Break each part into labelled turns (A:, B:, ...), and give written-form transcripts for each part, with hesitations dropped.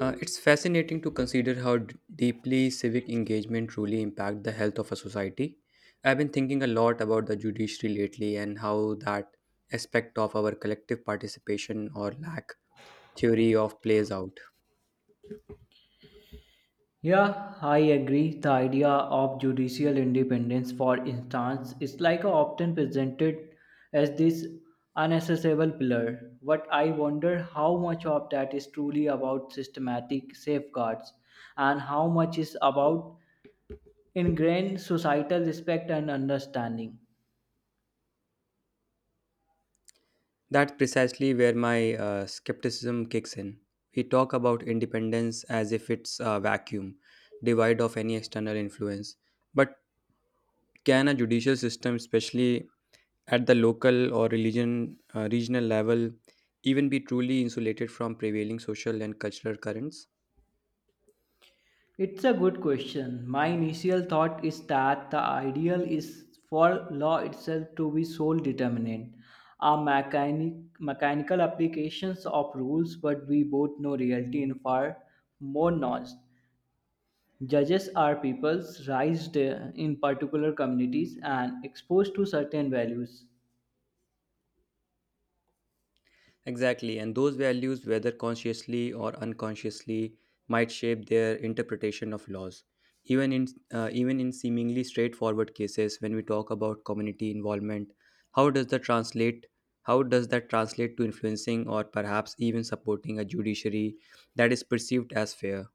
A: It's fascinating to consider how deeply civic engagement truly impacts the health of a society. I've been thinking a lot about the judiciary lately and how that aspect of our collective participation or lack theory of plays out.
B: Yeah, I agree. The idea of judicial independence, for instance, is like often presented as this unaccessible pillar. But I wonder how much of that is truly about systematic safeguards and how much is about ingrained societal respect and understanding.
A: That's precisely where my skepticism kicks in. We talk about independence as if it's a vacuum, devoid of any external influence. But can a judicial system, especially at the local or religion regional level even be truly insulated from prevailing social and cultural currents?
B: It's a good question. My initial thought is that the ideal is for law itself to be sole determinant, a mechanical applications of rules, but we both know reality in far more nuanced. Judges are peoples raised in particular communities and exposed to certain values.
A: Exactly, and those values, whether consciously or unconsciously, might shape their interpretation of laws, even in even in seemingly straightforward cases. When we talk about community involvement, how does that translate how does that translate to influencing or perhaps even supporting a judiciary that is perceived as fair?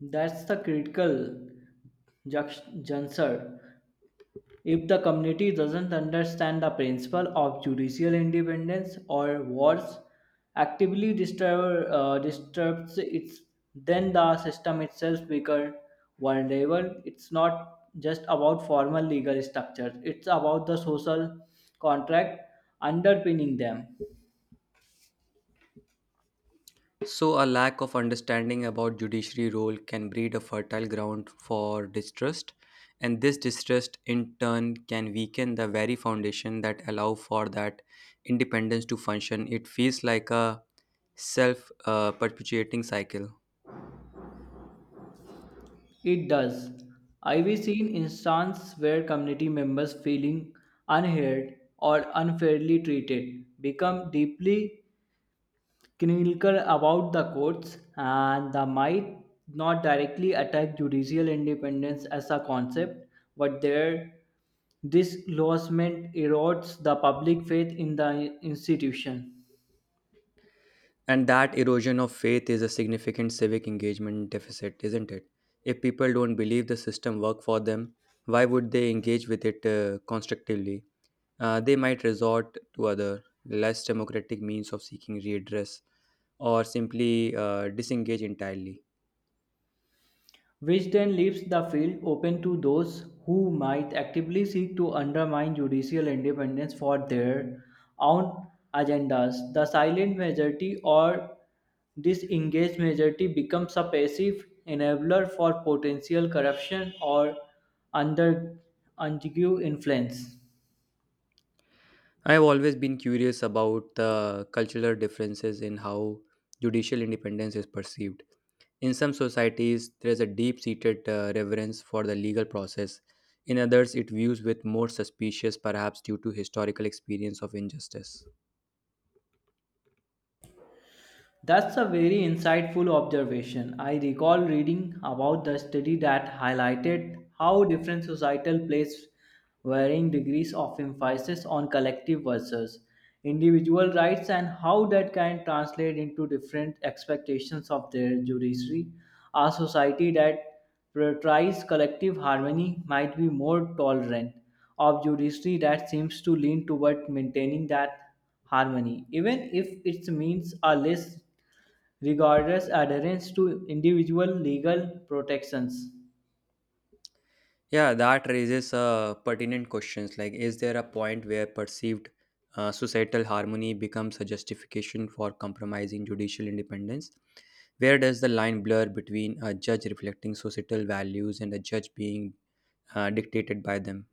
B: That's the critical juncture. If the community doesn't understand the principle of judicial independence or worse, actively disturbs it, then the system itself becomes vulnerable. It's not just about formal legal structures, it's about the social contract underpinning them.
A: So, a lack of understanding about judiciary role can breed a fertile ground for distrust, and this distrust in turn can weaken the very foundation that allow for that independence to function. It feels like a self perpetuating cycle.
B: It does. I've seen instances where community members feeling unheard or unfairly treated become deeply Krinilkar about the courts and the might not directly attack judicial independence as a concept, but their this lawsment erodes the public faith in the institution.
A: And that erosion of faith is a significant civic engagement deficit, isn't it? If people don't believe the system work for them, why would they engage with it constructively? They might resort to other, less democratic means of seeking redress or simply disengage entirely.
B: Which then leaves the field open to those who might actively seek to undermine judicial independence for their own agendas. The silent majority or disengaged majority becomes a passive enabler for potential corruption or under undue influence.
A: I have always been curious about the cultural differences in how judicial independence is perceived. In some societies, there is a deep seated reverence for the legal process. In others, it views with more suspicious, perhaps due to historical experience of injustice.
B: That's a very insightful observation. I recall reading about the study that highlighted how different societal place varying degrees of emphasis on collective versus individual rights and how that can translate into different expectations of their judiciary. A society that prioritizes collective harmony might be more tolerant of judiciary that seems to lean toward maintaining that harmony, even if it means a less regardless adherence to individual legal protections.
A: Yeah, that raises pertinent questions like, is there a point where perceived societal harmony becomes a justification for compromising judicial independence? Where does the line blur between a judge reflecting societal values and a judge being dictated by them?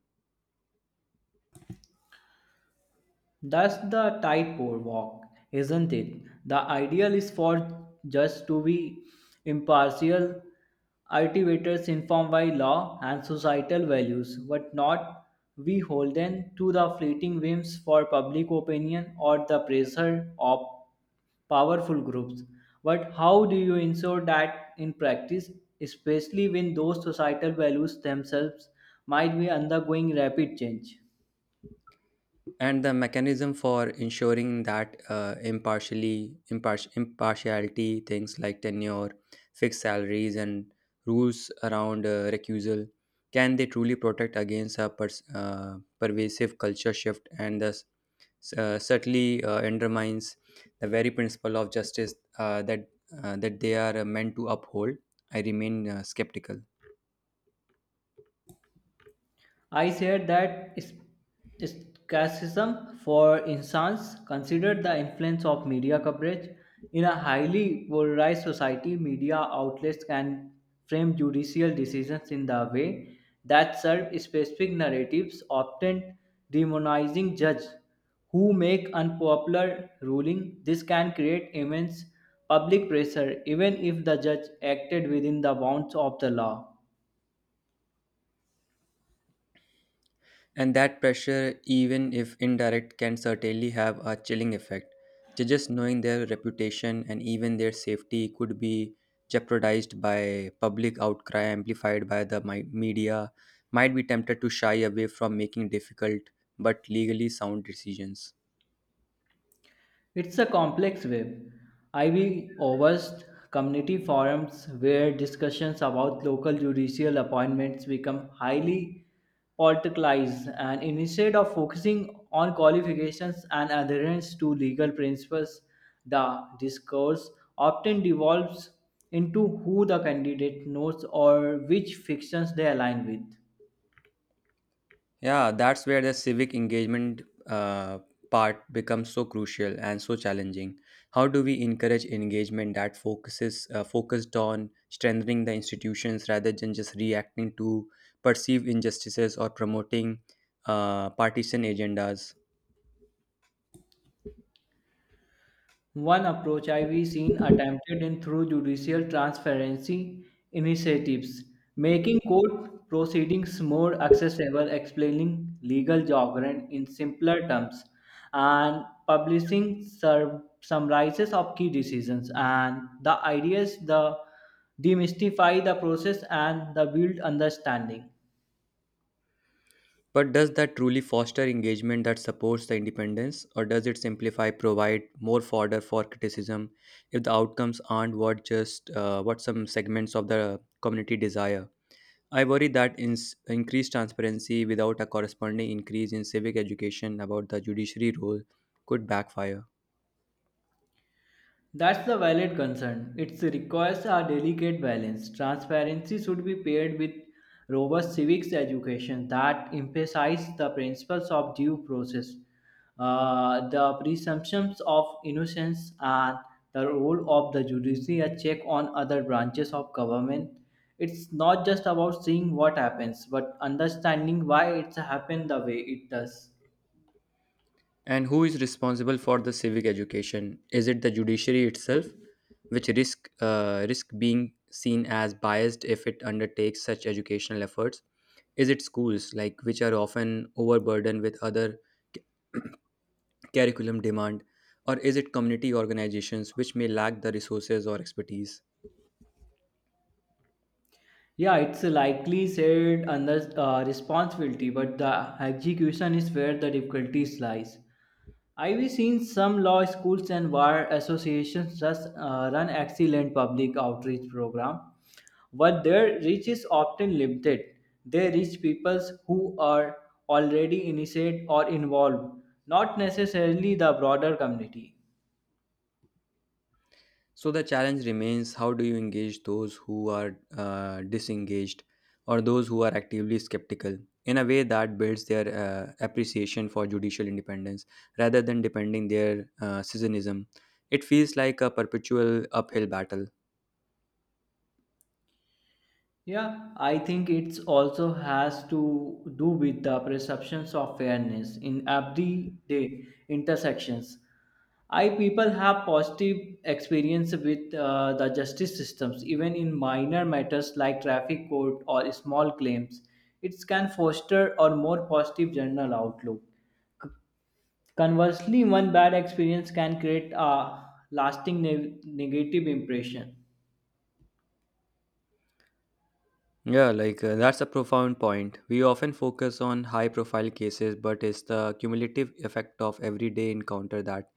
B: That's the tight walk, isn't it? The ideal is for just to be impartial arbitrators informed by law and societal values, but not we holden to the fleeting whims for public opinion or the pressure of powerful groups. But how do you ensure that in practice, especially when those societal values themselves might be undergoing rapid change?
A: And the mechanism for ensuring that impartiality, things like tenure, fixed salaries, and rules around recusal, can they truly protect against a pervasive culture shift, and thus certainly undermines the very principle of justice, that they are meant to uphold? I remain skeptical.
B: I said skepticism, for instance, considered the influence of media coverage. In a highly polarized society, media outlets can frame judicial decisions in the way that serve specific narratives, often demonizing judges who make unpopular ruling. This can create immense public pressure, even if the judge acted within the bounds of the law.
A: And that pressure, even if indirect, can certainly have a chilling effect. Judges knowing their reputation and even their safety could be jeopardized by public outcry amplified by the media, might be tempted to shy away from making difficult but legally sound decisions.
B: It's a complex web. Ivy oversee community forums where discussions about local judicial appointments become highly politicized and instead of focusing on qualifications and adherence to legal principles, the discourse often devolves into who the candidate knows or which fictions they align with.
A: Yeah, that's where the civic engagement uh, part becomes so crucial and so challenging. How do we encourage engagement that focuses focused on strengthening the institutions rather than just reacting to perceived injustices or promoting partisan agendas?
B: One approach I've seen attempted in through judicial transparency initiatives, making court proceedings more accessible, explaining legal jargon in simpler terms, and publishing summaries of key decisions. And the idea is the demystify the process and the build understanding.
A: But does that truly foster engagement that supports the independence, or does it simplify, provide more fodder for criticism if the outcomes aren't what some segments of the community desire? I worry that in increased transparency without a corresponding increase in civic education about the judiciary role could backfire.
B: That's the valid concern. It requires a delicate balance. Transparency should be paired with robust civics education that emphasizes the principles of due process, the presumptions of innocence, and the role of the judiciary, a check on other branches of government. It's not just about seeing what happens, but understanding why it's happened the way it does.
A: And who is responsible for the civic education? Is it the judiciary itself, which risk being seen as biased if it undertakes such educational efforts? Is it schools, like which are often overburdened with other curriculum demand, or is it community organizations which may lack the resources or expertise?
B: Yeah, it's likely said under responsibility, but the execution is where the difficulties lies. I've seen some law schools and bar associations just run excellent public outreach program, but their reach is often limited. They reach people who are already initiated or involved, not necessarily the broader community.
A: So the challenge remains, how do you engage those who are disengaged or those who are actively skeptical in a way that builds their appreciation for judicial independence rather than depending their citizenism? It feels like a perpetual uphill battle.
B: Yeah, I think it's also has to do with the perceptions of fairness in everyday intersections. I people have positive experience with the justice systems, even in minor matters like traffic court or small claims. It can foster a more positive general outlook. C- Conversely, one bad experience can create a lasting negative impression.
A: Yeah, like that's a profound point. We often focus on high profile cases, but it's the cumulative effect of everyday encounter that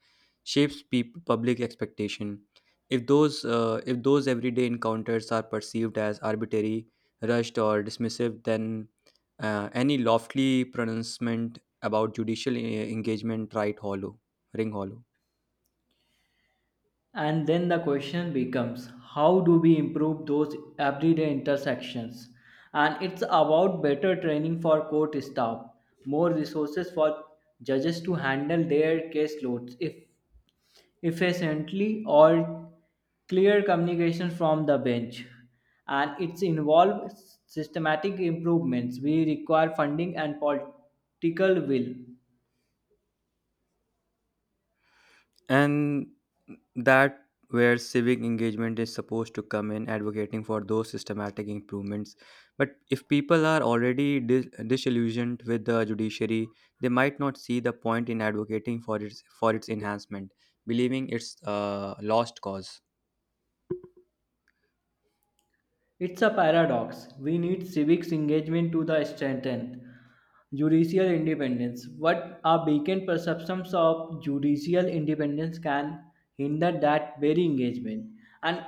A: shapes peop public expectation. If those everyday encounters are perceived as arbitrary, rushed, or dismissive, then any lofty pronouncement about judicial engagement right hollow, ring hollow.
B: And then the question becomes how do we improve those everyday intersections? And it's about better training for court staff, more resources for judges to handle their caseloads if efficiently or clear communication from the bench and it's involved systematic improvements we require funding and political will.
A: And that where civic engagement is supposed to come in, advocating for those systematic improvements. But if people are already disillusioned with the judiciary, they might not see the point in advocating for its enhancement, believing it's a lost cause.
B: It's a paradox. We need civics engagement to the strengthen judicial independence. What are weakened perceptions of judicial independence can hinder that very engagement. And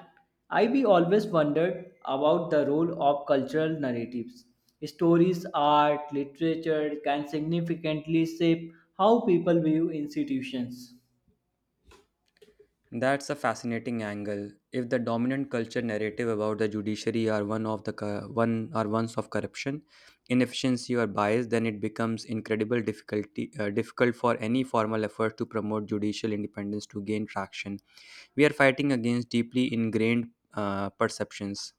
B: I be always wondered about the role of cultural narratives. Stories, art, literature can significantly shape how people view institutions.
A: That's a fascinating angle. If the dominant culture narrative about the judiciary are one of the ones of corruption, inefficiency, or bias, then it becomes incredible difficult for any formal effort to promote judicial independence to gain traction. We are fighting against deeply ingrained perceptions.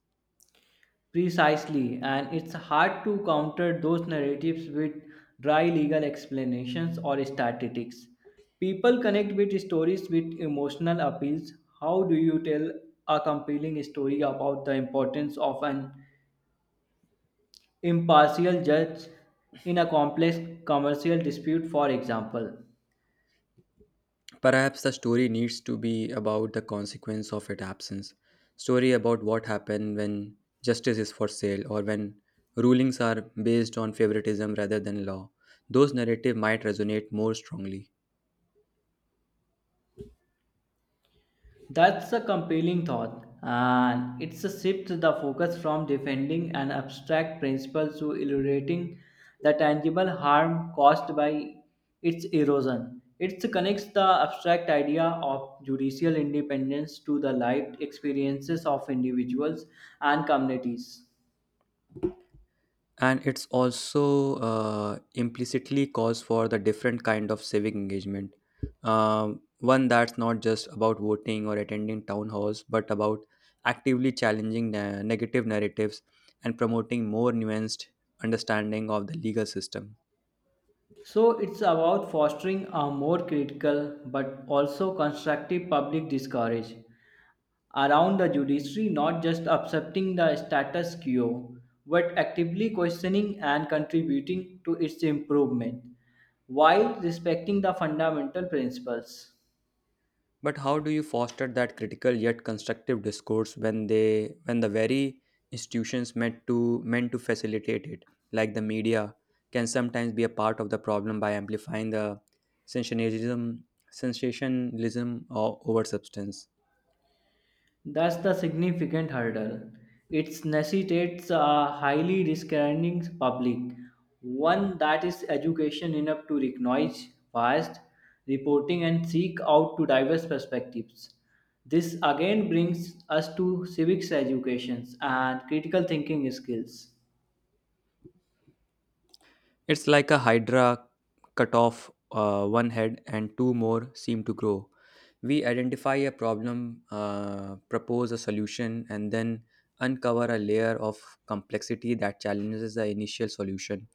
B: Precisely, and it's hard to counter those narratives with dry legal explanations or statistics. People connect with stories with emotional appeals. How do you tell a compelling story about the importance of an impartial judge in a complex commercial dispute, for example?
A: Perhaps the story needs to be about the consequence of its absence. Story about what happened when justice is for sale or when rulings are based on favoritism rather than law. Those narrative might resonate more strongly.
B: That's a compelling thought, and it's a shift the focus from defending an abstract principle to illustrating the tangible harm caused by its erosion. It connects the abstract idea of judicial independence to the lived experiences of individuals and communities.
A: And it's also implicitly calls for the different kind of civic engagement, one that's not just about voting or attending town halls, but about actively challenging negative narratives and promoting more nuanced understanding of the legal system.
B: So it's about fostering a more critical but also constructive public discourse around the judiciary not just accepting the status quo but actively questioning and contributing to its improvement while respecting the fundamental principles.
A: But how do you foster that critical yet constructive discourse when the very institutions meant to facilitate it, like the media, can sometimes be a part of the problem by amplifying the sensationalism sensationalism over substance?
B: That's the significant hurdle. It necessitates a highly discerning public, one that is education enough to recognize past reporting and seek out to diverse perspectives. This again brings us to civics educations and critical thinking skills.
A: It's like a hydra, cut off one head and two more seem to grow. We identify a problem, propose a solution, and then uncover a layer of complexity that challenges the initial solution.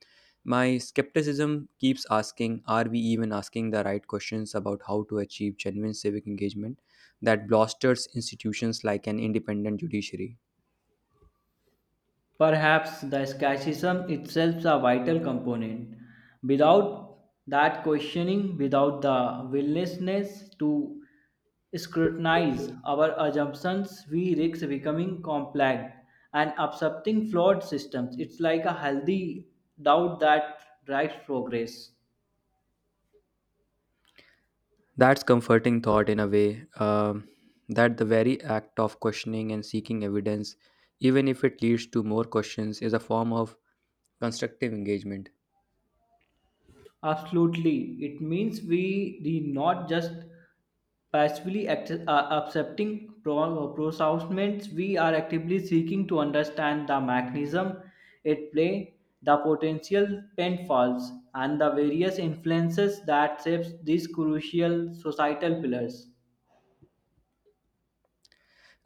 A: My skepticism keeps asking, are we even asking the right questions about how to achieve genuine civic engagement that blusters institutions like an independent judiciary?
B: Perhaps the skepticism itself is a vital component. Without that questioning, without the willingness to scrutinize our assumptions, we risk becoming complex and accepting flawed systems. It's like a healthy doubt that drives progress.
A: That's comforting thought in a way, that the very act of questioning and seeking evidence, even if it leads to more questions, is a form of constructive engagement.
B: Absolutely. It means we the not just passively act- uh, accepting pronouncements, we are actively seeking to understand the mechanism at play, the potential pitfalls, and the various influences that shapes these crucial societal pillars.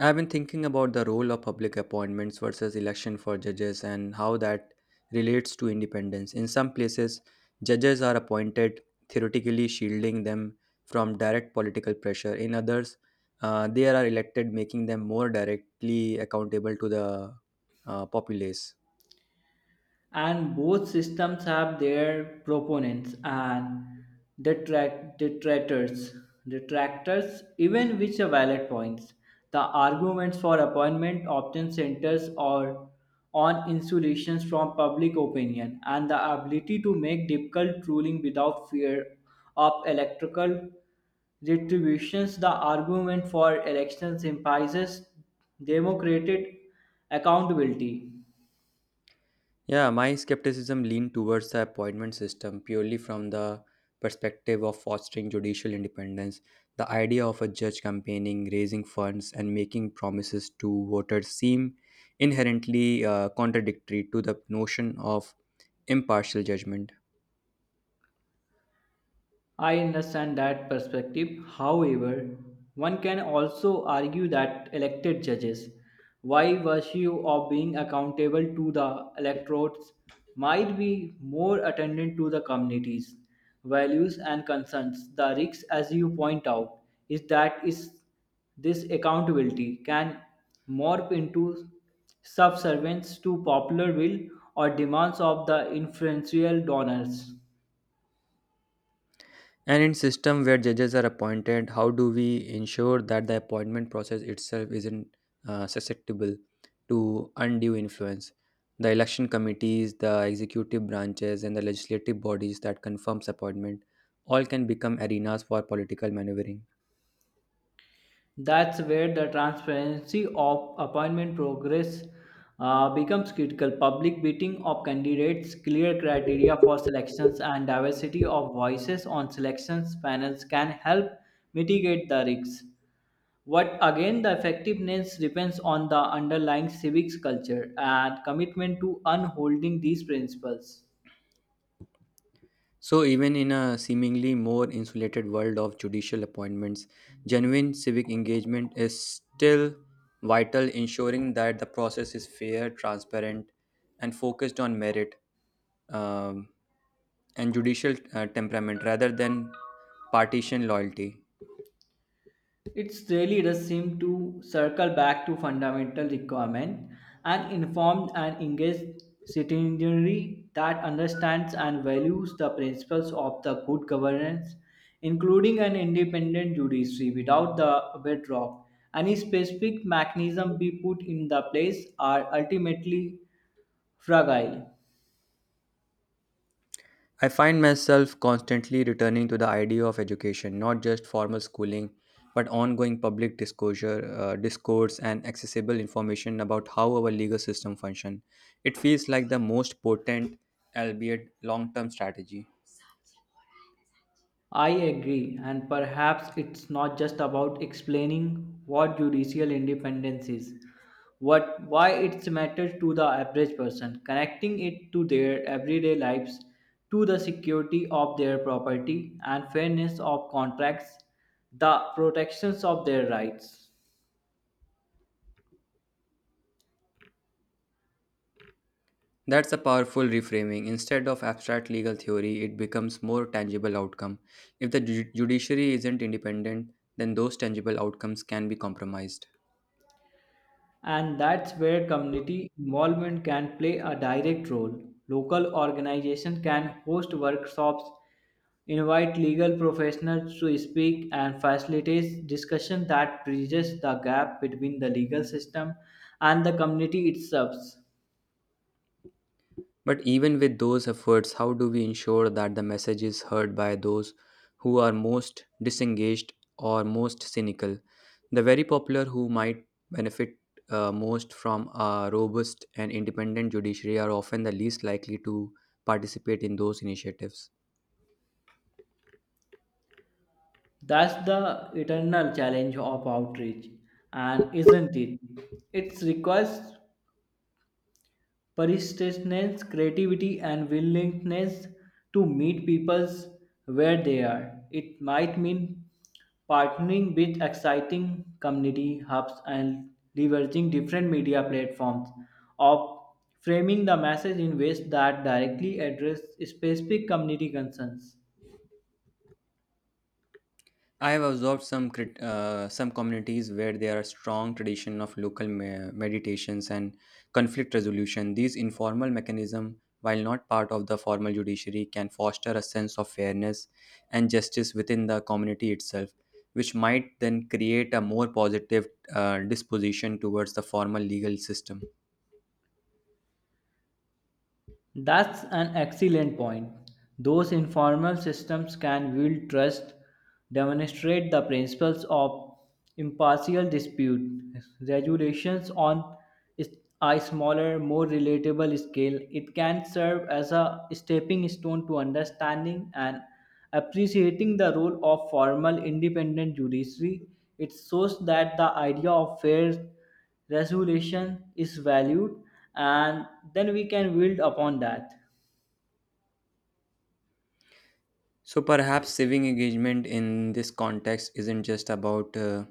A: I've been thinking about the role of public appointments versus election for judges and how that relates to independence. In some places, judges are appointed, theoretically shielding them from direct political pressure. In others, they are elected, making them more directly accountable to the populace.
B: And both systems have their proponents and detract- detractors detractors even which are valid points. The arguments for appointment often centers or on insulations from public opinion and the ability to make difficult ruling without fear of electrical retributions. The argument for elections emphasizes democratic accountability.
A: Yeah, my skepticism leaned towards the appointment system purely from the perspective of fostering judicial independence. The idea of a judge campaigning, raising funds, and making promises to voters seem inherently contradictory to the notion of impartial judgment.
B: I understand that perspective. However, one can also argue that elected judges, by virtue of being accountable to the electorates, might be more attendant to the communities' values and concerns. The risk, as you point out, is that is this accountability can morph into subservience to popular will or demands of the influential donors.
A: And in system where judges are appointed, how do we ensure that the appointment process itself isn't susceptible to undue influence? The election committees, the executive branches, and the legislative bodies that confirms appointment all can become arenas for political maneuvering.
B: That's where the transparency of appointment progress becomes critical. Public bidding of candidates, clear criteria for selections, and diversity of voices on selections panels can help mitigate the risks. But again, the effectiveness depends on the underlying civics culture and commitment to upholding these principles.
A: So even in a seemingly more insulated world of judicial appointments, genuine civic engagement is still vital, ensuring that the process is fair, transparent, and focused on merit, um, and judicial temperament rather than partisan loyalty.
B: It really does seem to circle back to fundamental requirement, an informed and engaged citizenry that understands and values the principles of the good governance, including an independent judiciary without the bedrock. Any specific mechanism we put in the place are ultimately fragile.
A: I find myself constantly returning to the idea of education, not just formal schooling, but ongoing discourse, and accessible information about how our legal system functions. It feels like the most potent, albeit long term strategy.
B: I agree, and perhaps it's not just about explaining what judicial independence is, what why it matters to the average person, connecting it to their everyday lives, to the security of their property and fairness of contracts, the protections of their rights.
A: That's a powerful reframing. Instead of abstract legal theory, it becomes more tangible outcome. If the judiciary isn't independent, then those tangible outcomes can be compromised.
B: And that's where community involvement can play a direct role. Local organizations can host workshops, invite legal professionals to speak, and facilitate discussion that bridges the gap between the legal system and the community itself.
A: But even with those efforts, how do we ensure that the message is heard by those who are most disengaged or most cynical? The very popular who might benefit most from a robust and independent judiciary are often the least likely to participate in those initiatives.
B: That's the eternal challenge of outreach, and isn't it? It requires persistence, creativity, and willingness to meet people where they are. It might mean partnering with exciting community hubs and leveraging different media platforms of framing the message in ways that directly address specific community concerns.
A: I have observed some some communities where there are strong tradition of local meditations and conflict resolution. These informal mechanism, while not part of the formal judiciary, can foster a sense of fairness and justice within the community itself, which might then create a more positive disposition towards the formal legal system.
B: That's an excellent point. Those informal systems can build trust, demonstrate the principles of impartial dispute regulations on is- a smaller, more relatable scale. It can serve as a stepping stone to understanding and appreciating the role of formal independent judiciary. It shows that the idea of fair resolution is valued and then we can build upon that.
A: So perhaps civic engagement in this context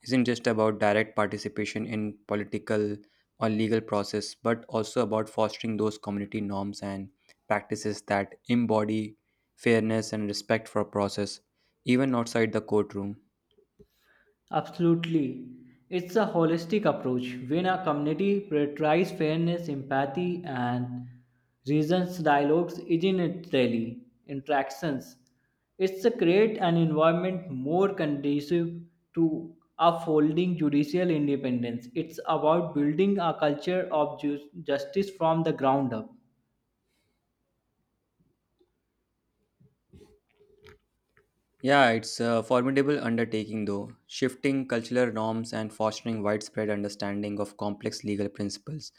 A: isn't just about direct participation in political or legal process, but also about fostering those community norms and practices that embody fairness and respect for process, even outside the courtroom.
B: Absolutely. It's a holistic approach. When a community prioritizes fairness empathy and reasons dialogues in its daily interactions it's a create an environment more conducive to upholding judicial independence. It's about building a culture of justice from the ground up.
A: Yeah, it's a formidable undertaking though, shifting cultural norms and fostering widespread understanding of complex legal principles.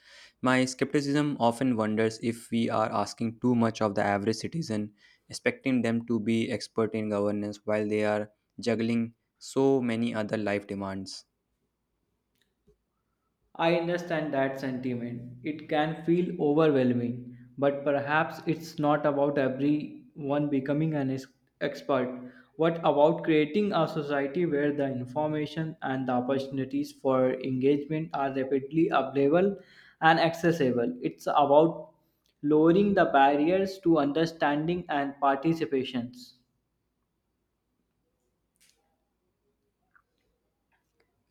A: My skepticism often wonders if we are asking too much of the average citizen, expecting them to be expert in governance while they are juggling so many other life demands.
B: I understand that sentiment. It can feel overwhelming, but perhaps it's not about everyone becoming an expert. What about creating a society where the information and the opportunities for engagement are rapidly available and accessible? It's about lowering the barriers to understanding and participations.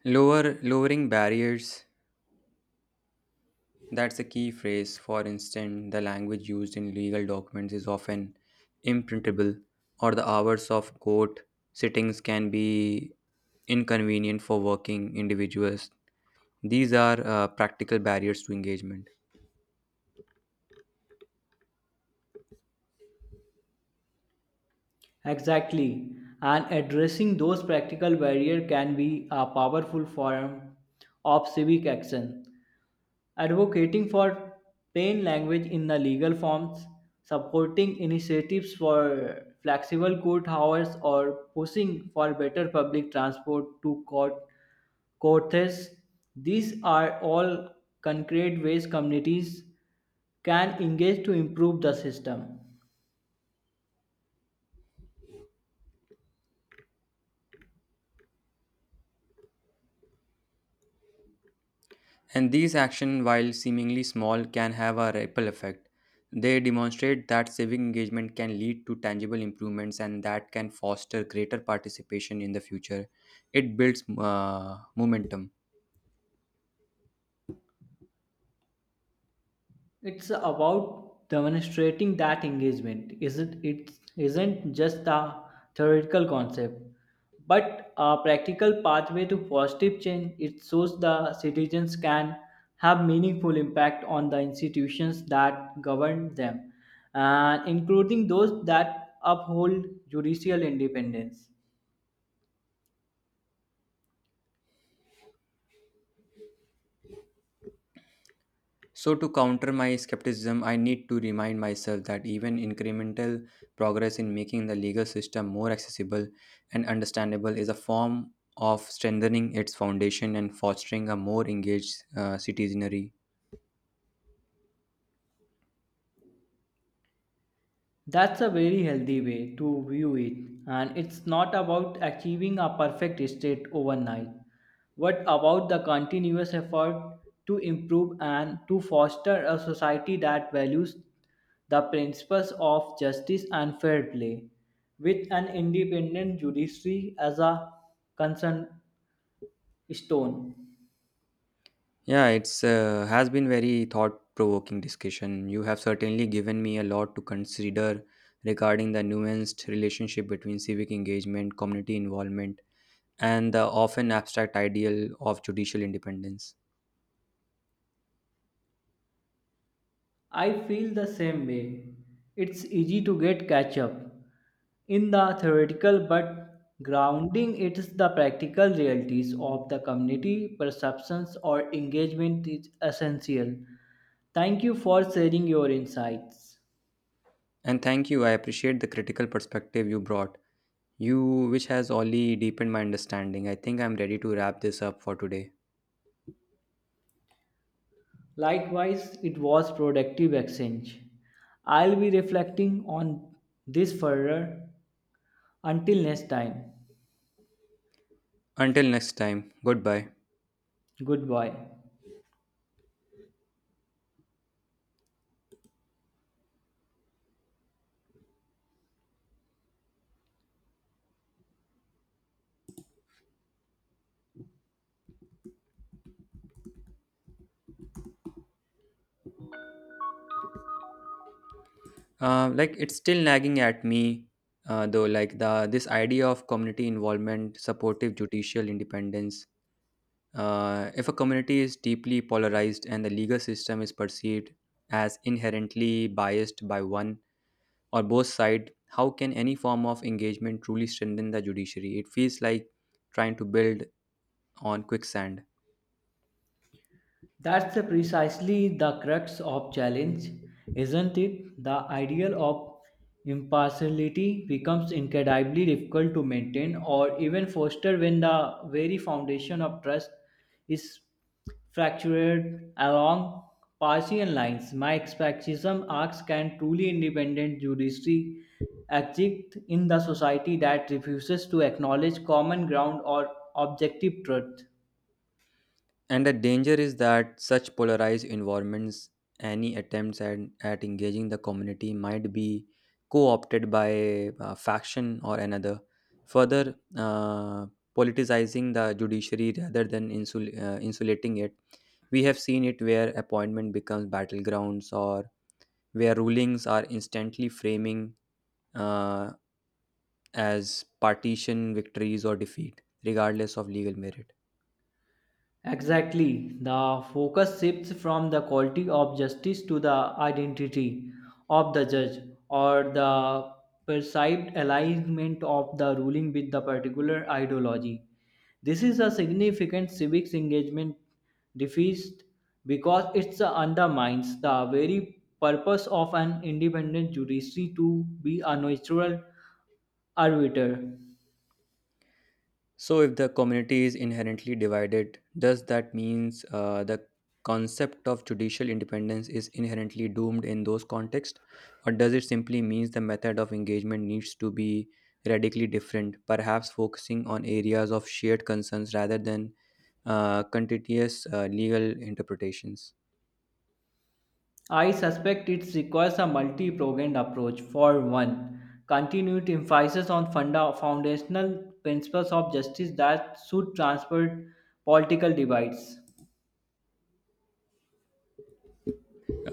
A: Lowering barriers. That's a key phrase. For instance, the language used in legal documents is often imprintable, or the hours of court sittings can be inconvenient for working individuals. These are practical barriers to engagement.
B: Exactly. And addressing those practical barriers can be a powerful form of civic action. Advocating for plain language in the legal forms, supporting initiatives for flexible court hours, or pushing for better public transport to courts. These are all concrete ways communities can engage to improve the system.
A: And these actions, while seemingly small, can have a ripple effect. They demonstrate that civic engagement can lead to tangible improvements and that can foster greater participation in the future. It builds momentum.
B: It's about demonstrating that engagement isn't just a theoretical concept, but a practical pathway to positive change. It shows the citizens can have meaningful impact on the institutions that govern them, and including those that uphold judicial independence.
A: So, to counter my skepticism, I need to remind myself that even incremental progress in making the legal system more accessible and understandable is a form of strengthening its foundation and fostering a more engaged citizenry.
B: That's a very healthy way to view it, and it's not about achieving a perfect state overnight, but about the continuous effort to improve and to foster a society that values the principles of justice and fair play, with an independent judiciary as a concern stone.
A: Yeah, it's has been very thought-provoking discussion. You have certainly given me a lot to consider regarding the nuanced relationship between civic engagement, community involvement, and the often abstract ideal of judicial independence.
B: I feel the same way. It's easy to get catch up in the theoretical, but grounding it is the practical realities of the community perceptions or engagement is essential. Thank you for sharing your insights.
A: And thank you. I appreciate the critical perspective you brought. You, which has only deepened my understanding. I think I'm ready to wrap this up for today.
B: Likewise, it was productive exchange. I'll be reflecting on this further. Until next time,
A: Until next time, goodbye.
B: goodbye.
A: Like, it's still nagging at me, though. Like the this idea of community involvement, supportive judicial independence. If a community is deeply polarized and the legal system is perceived as inherently biased by one or both sides, how can any form of engagement truly strengthen the judiciary? It feels like trying to build on quicksand.
B: That's the precisely the crux of challenge, isn't it? The ideal of impartiality becomes incredibly difficult to maintain or even foster when the very foundation of trust is fractured along partisan lines. My skepticism asks can truly independent judiciary exist in the society that refuses to acknowledge common ground or objective truth?
A: And the danger is that such polarized environments, any attempts at engaging the community might be co opted by a faction or another, further politicizing the judiciary rather than insulating it. We have seen it where appointment becomes battlegrounds or where rulings are instantly framing uh, as partition, victories, or defeat, regardless of legal merit.
B: Exactly. The focus shifts from the quality of justice to the identity of the judge or the perceived alignment of the ruling with the particular ideology. This is a significant civics engagement defeat because it undermines the very purpose of an independent judiciary to be a neutral arbiter.
A: So, if the community is inherently divided, does that means the concept of judicial independence is inherently doomed in those contexts, or does it simply means the method of engagement needs to be radically different, perhaps focusing on areas of shared concerns rather than contentious legal interpretations?
B: I suspect it requires a multi-pronged approach. For one, continued emphasis on foundational principles of justice that should transcend political divides.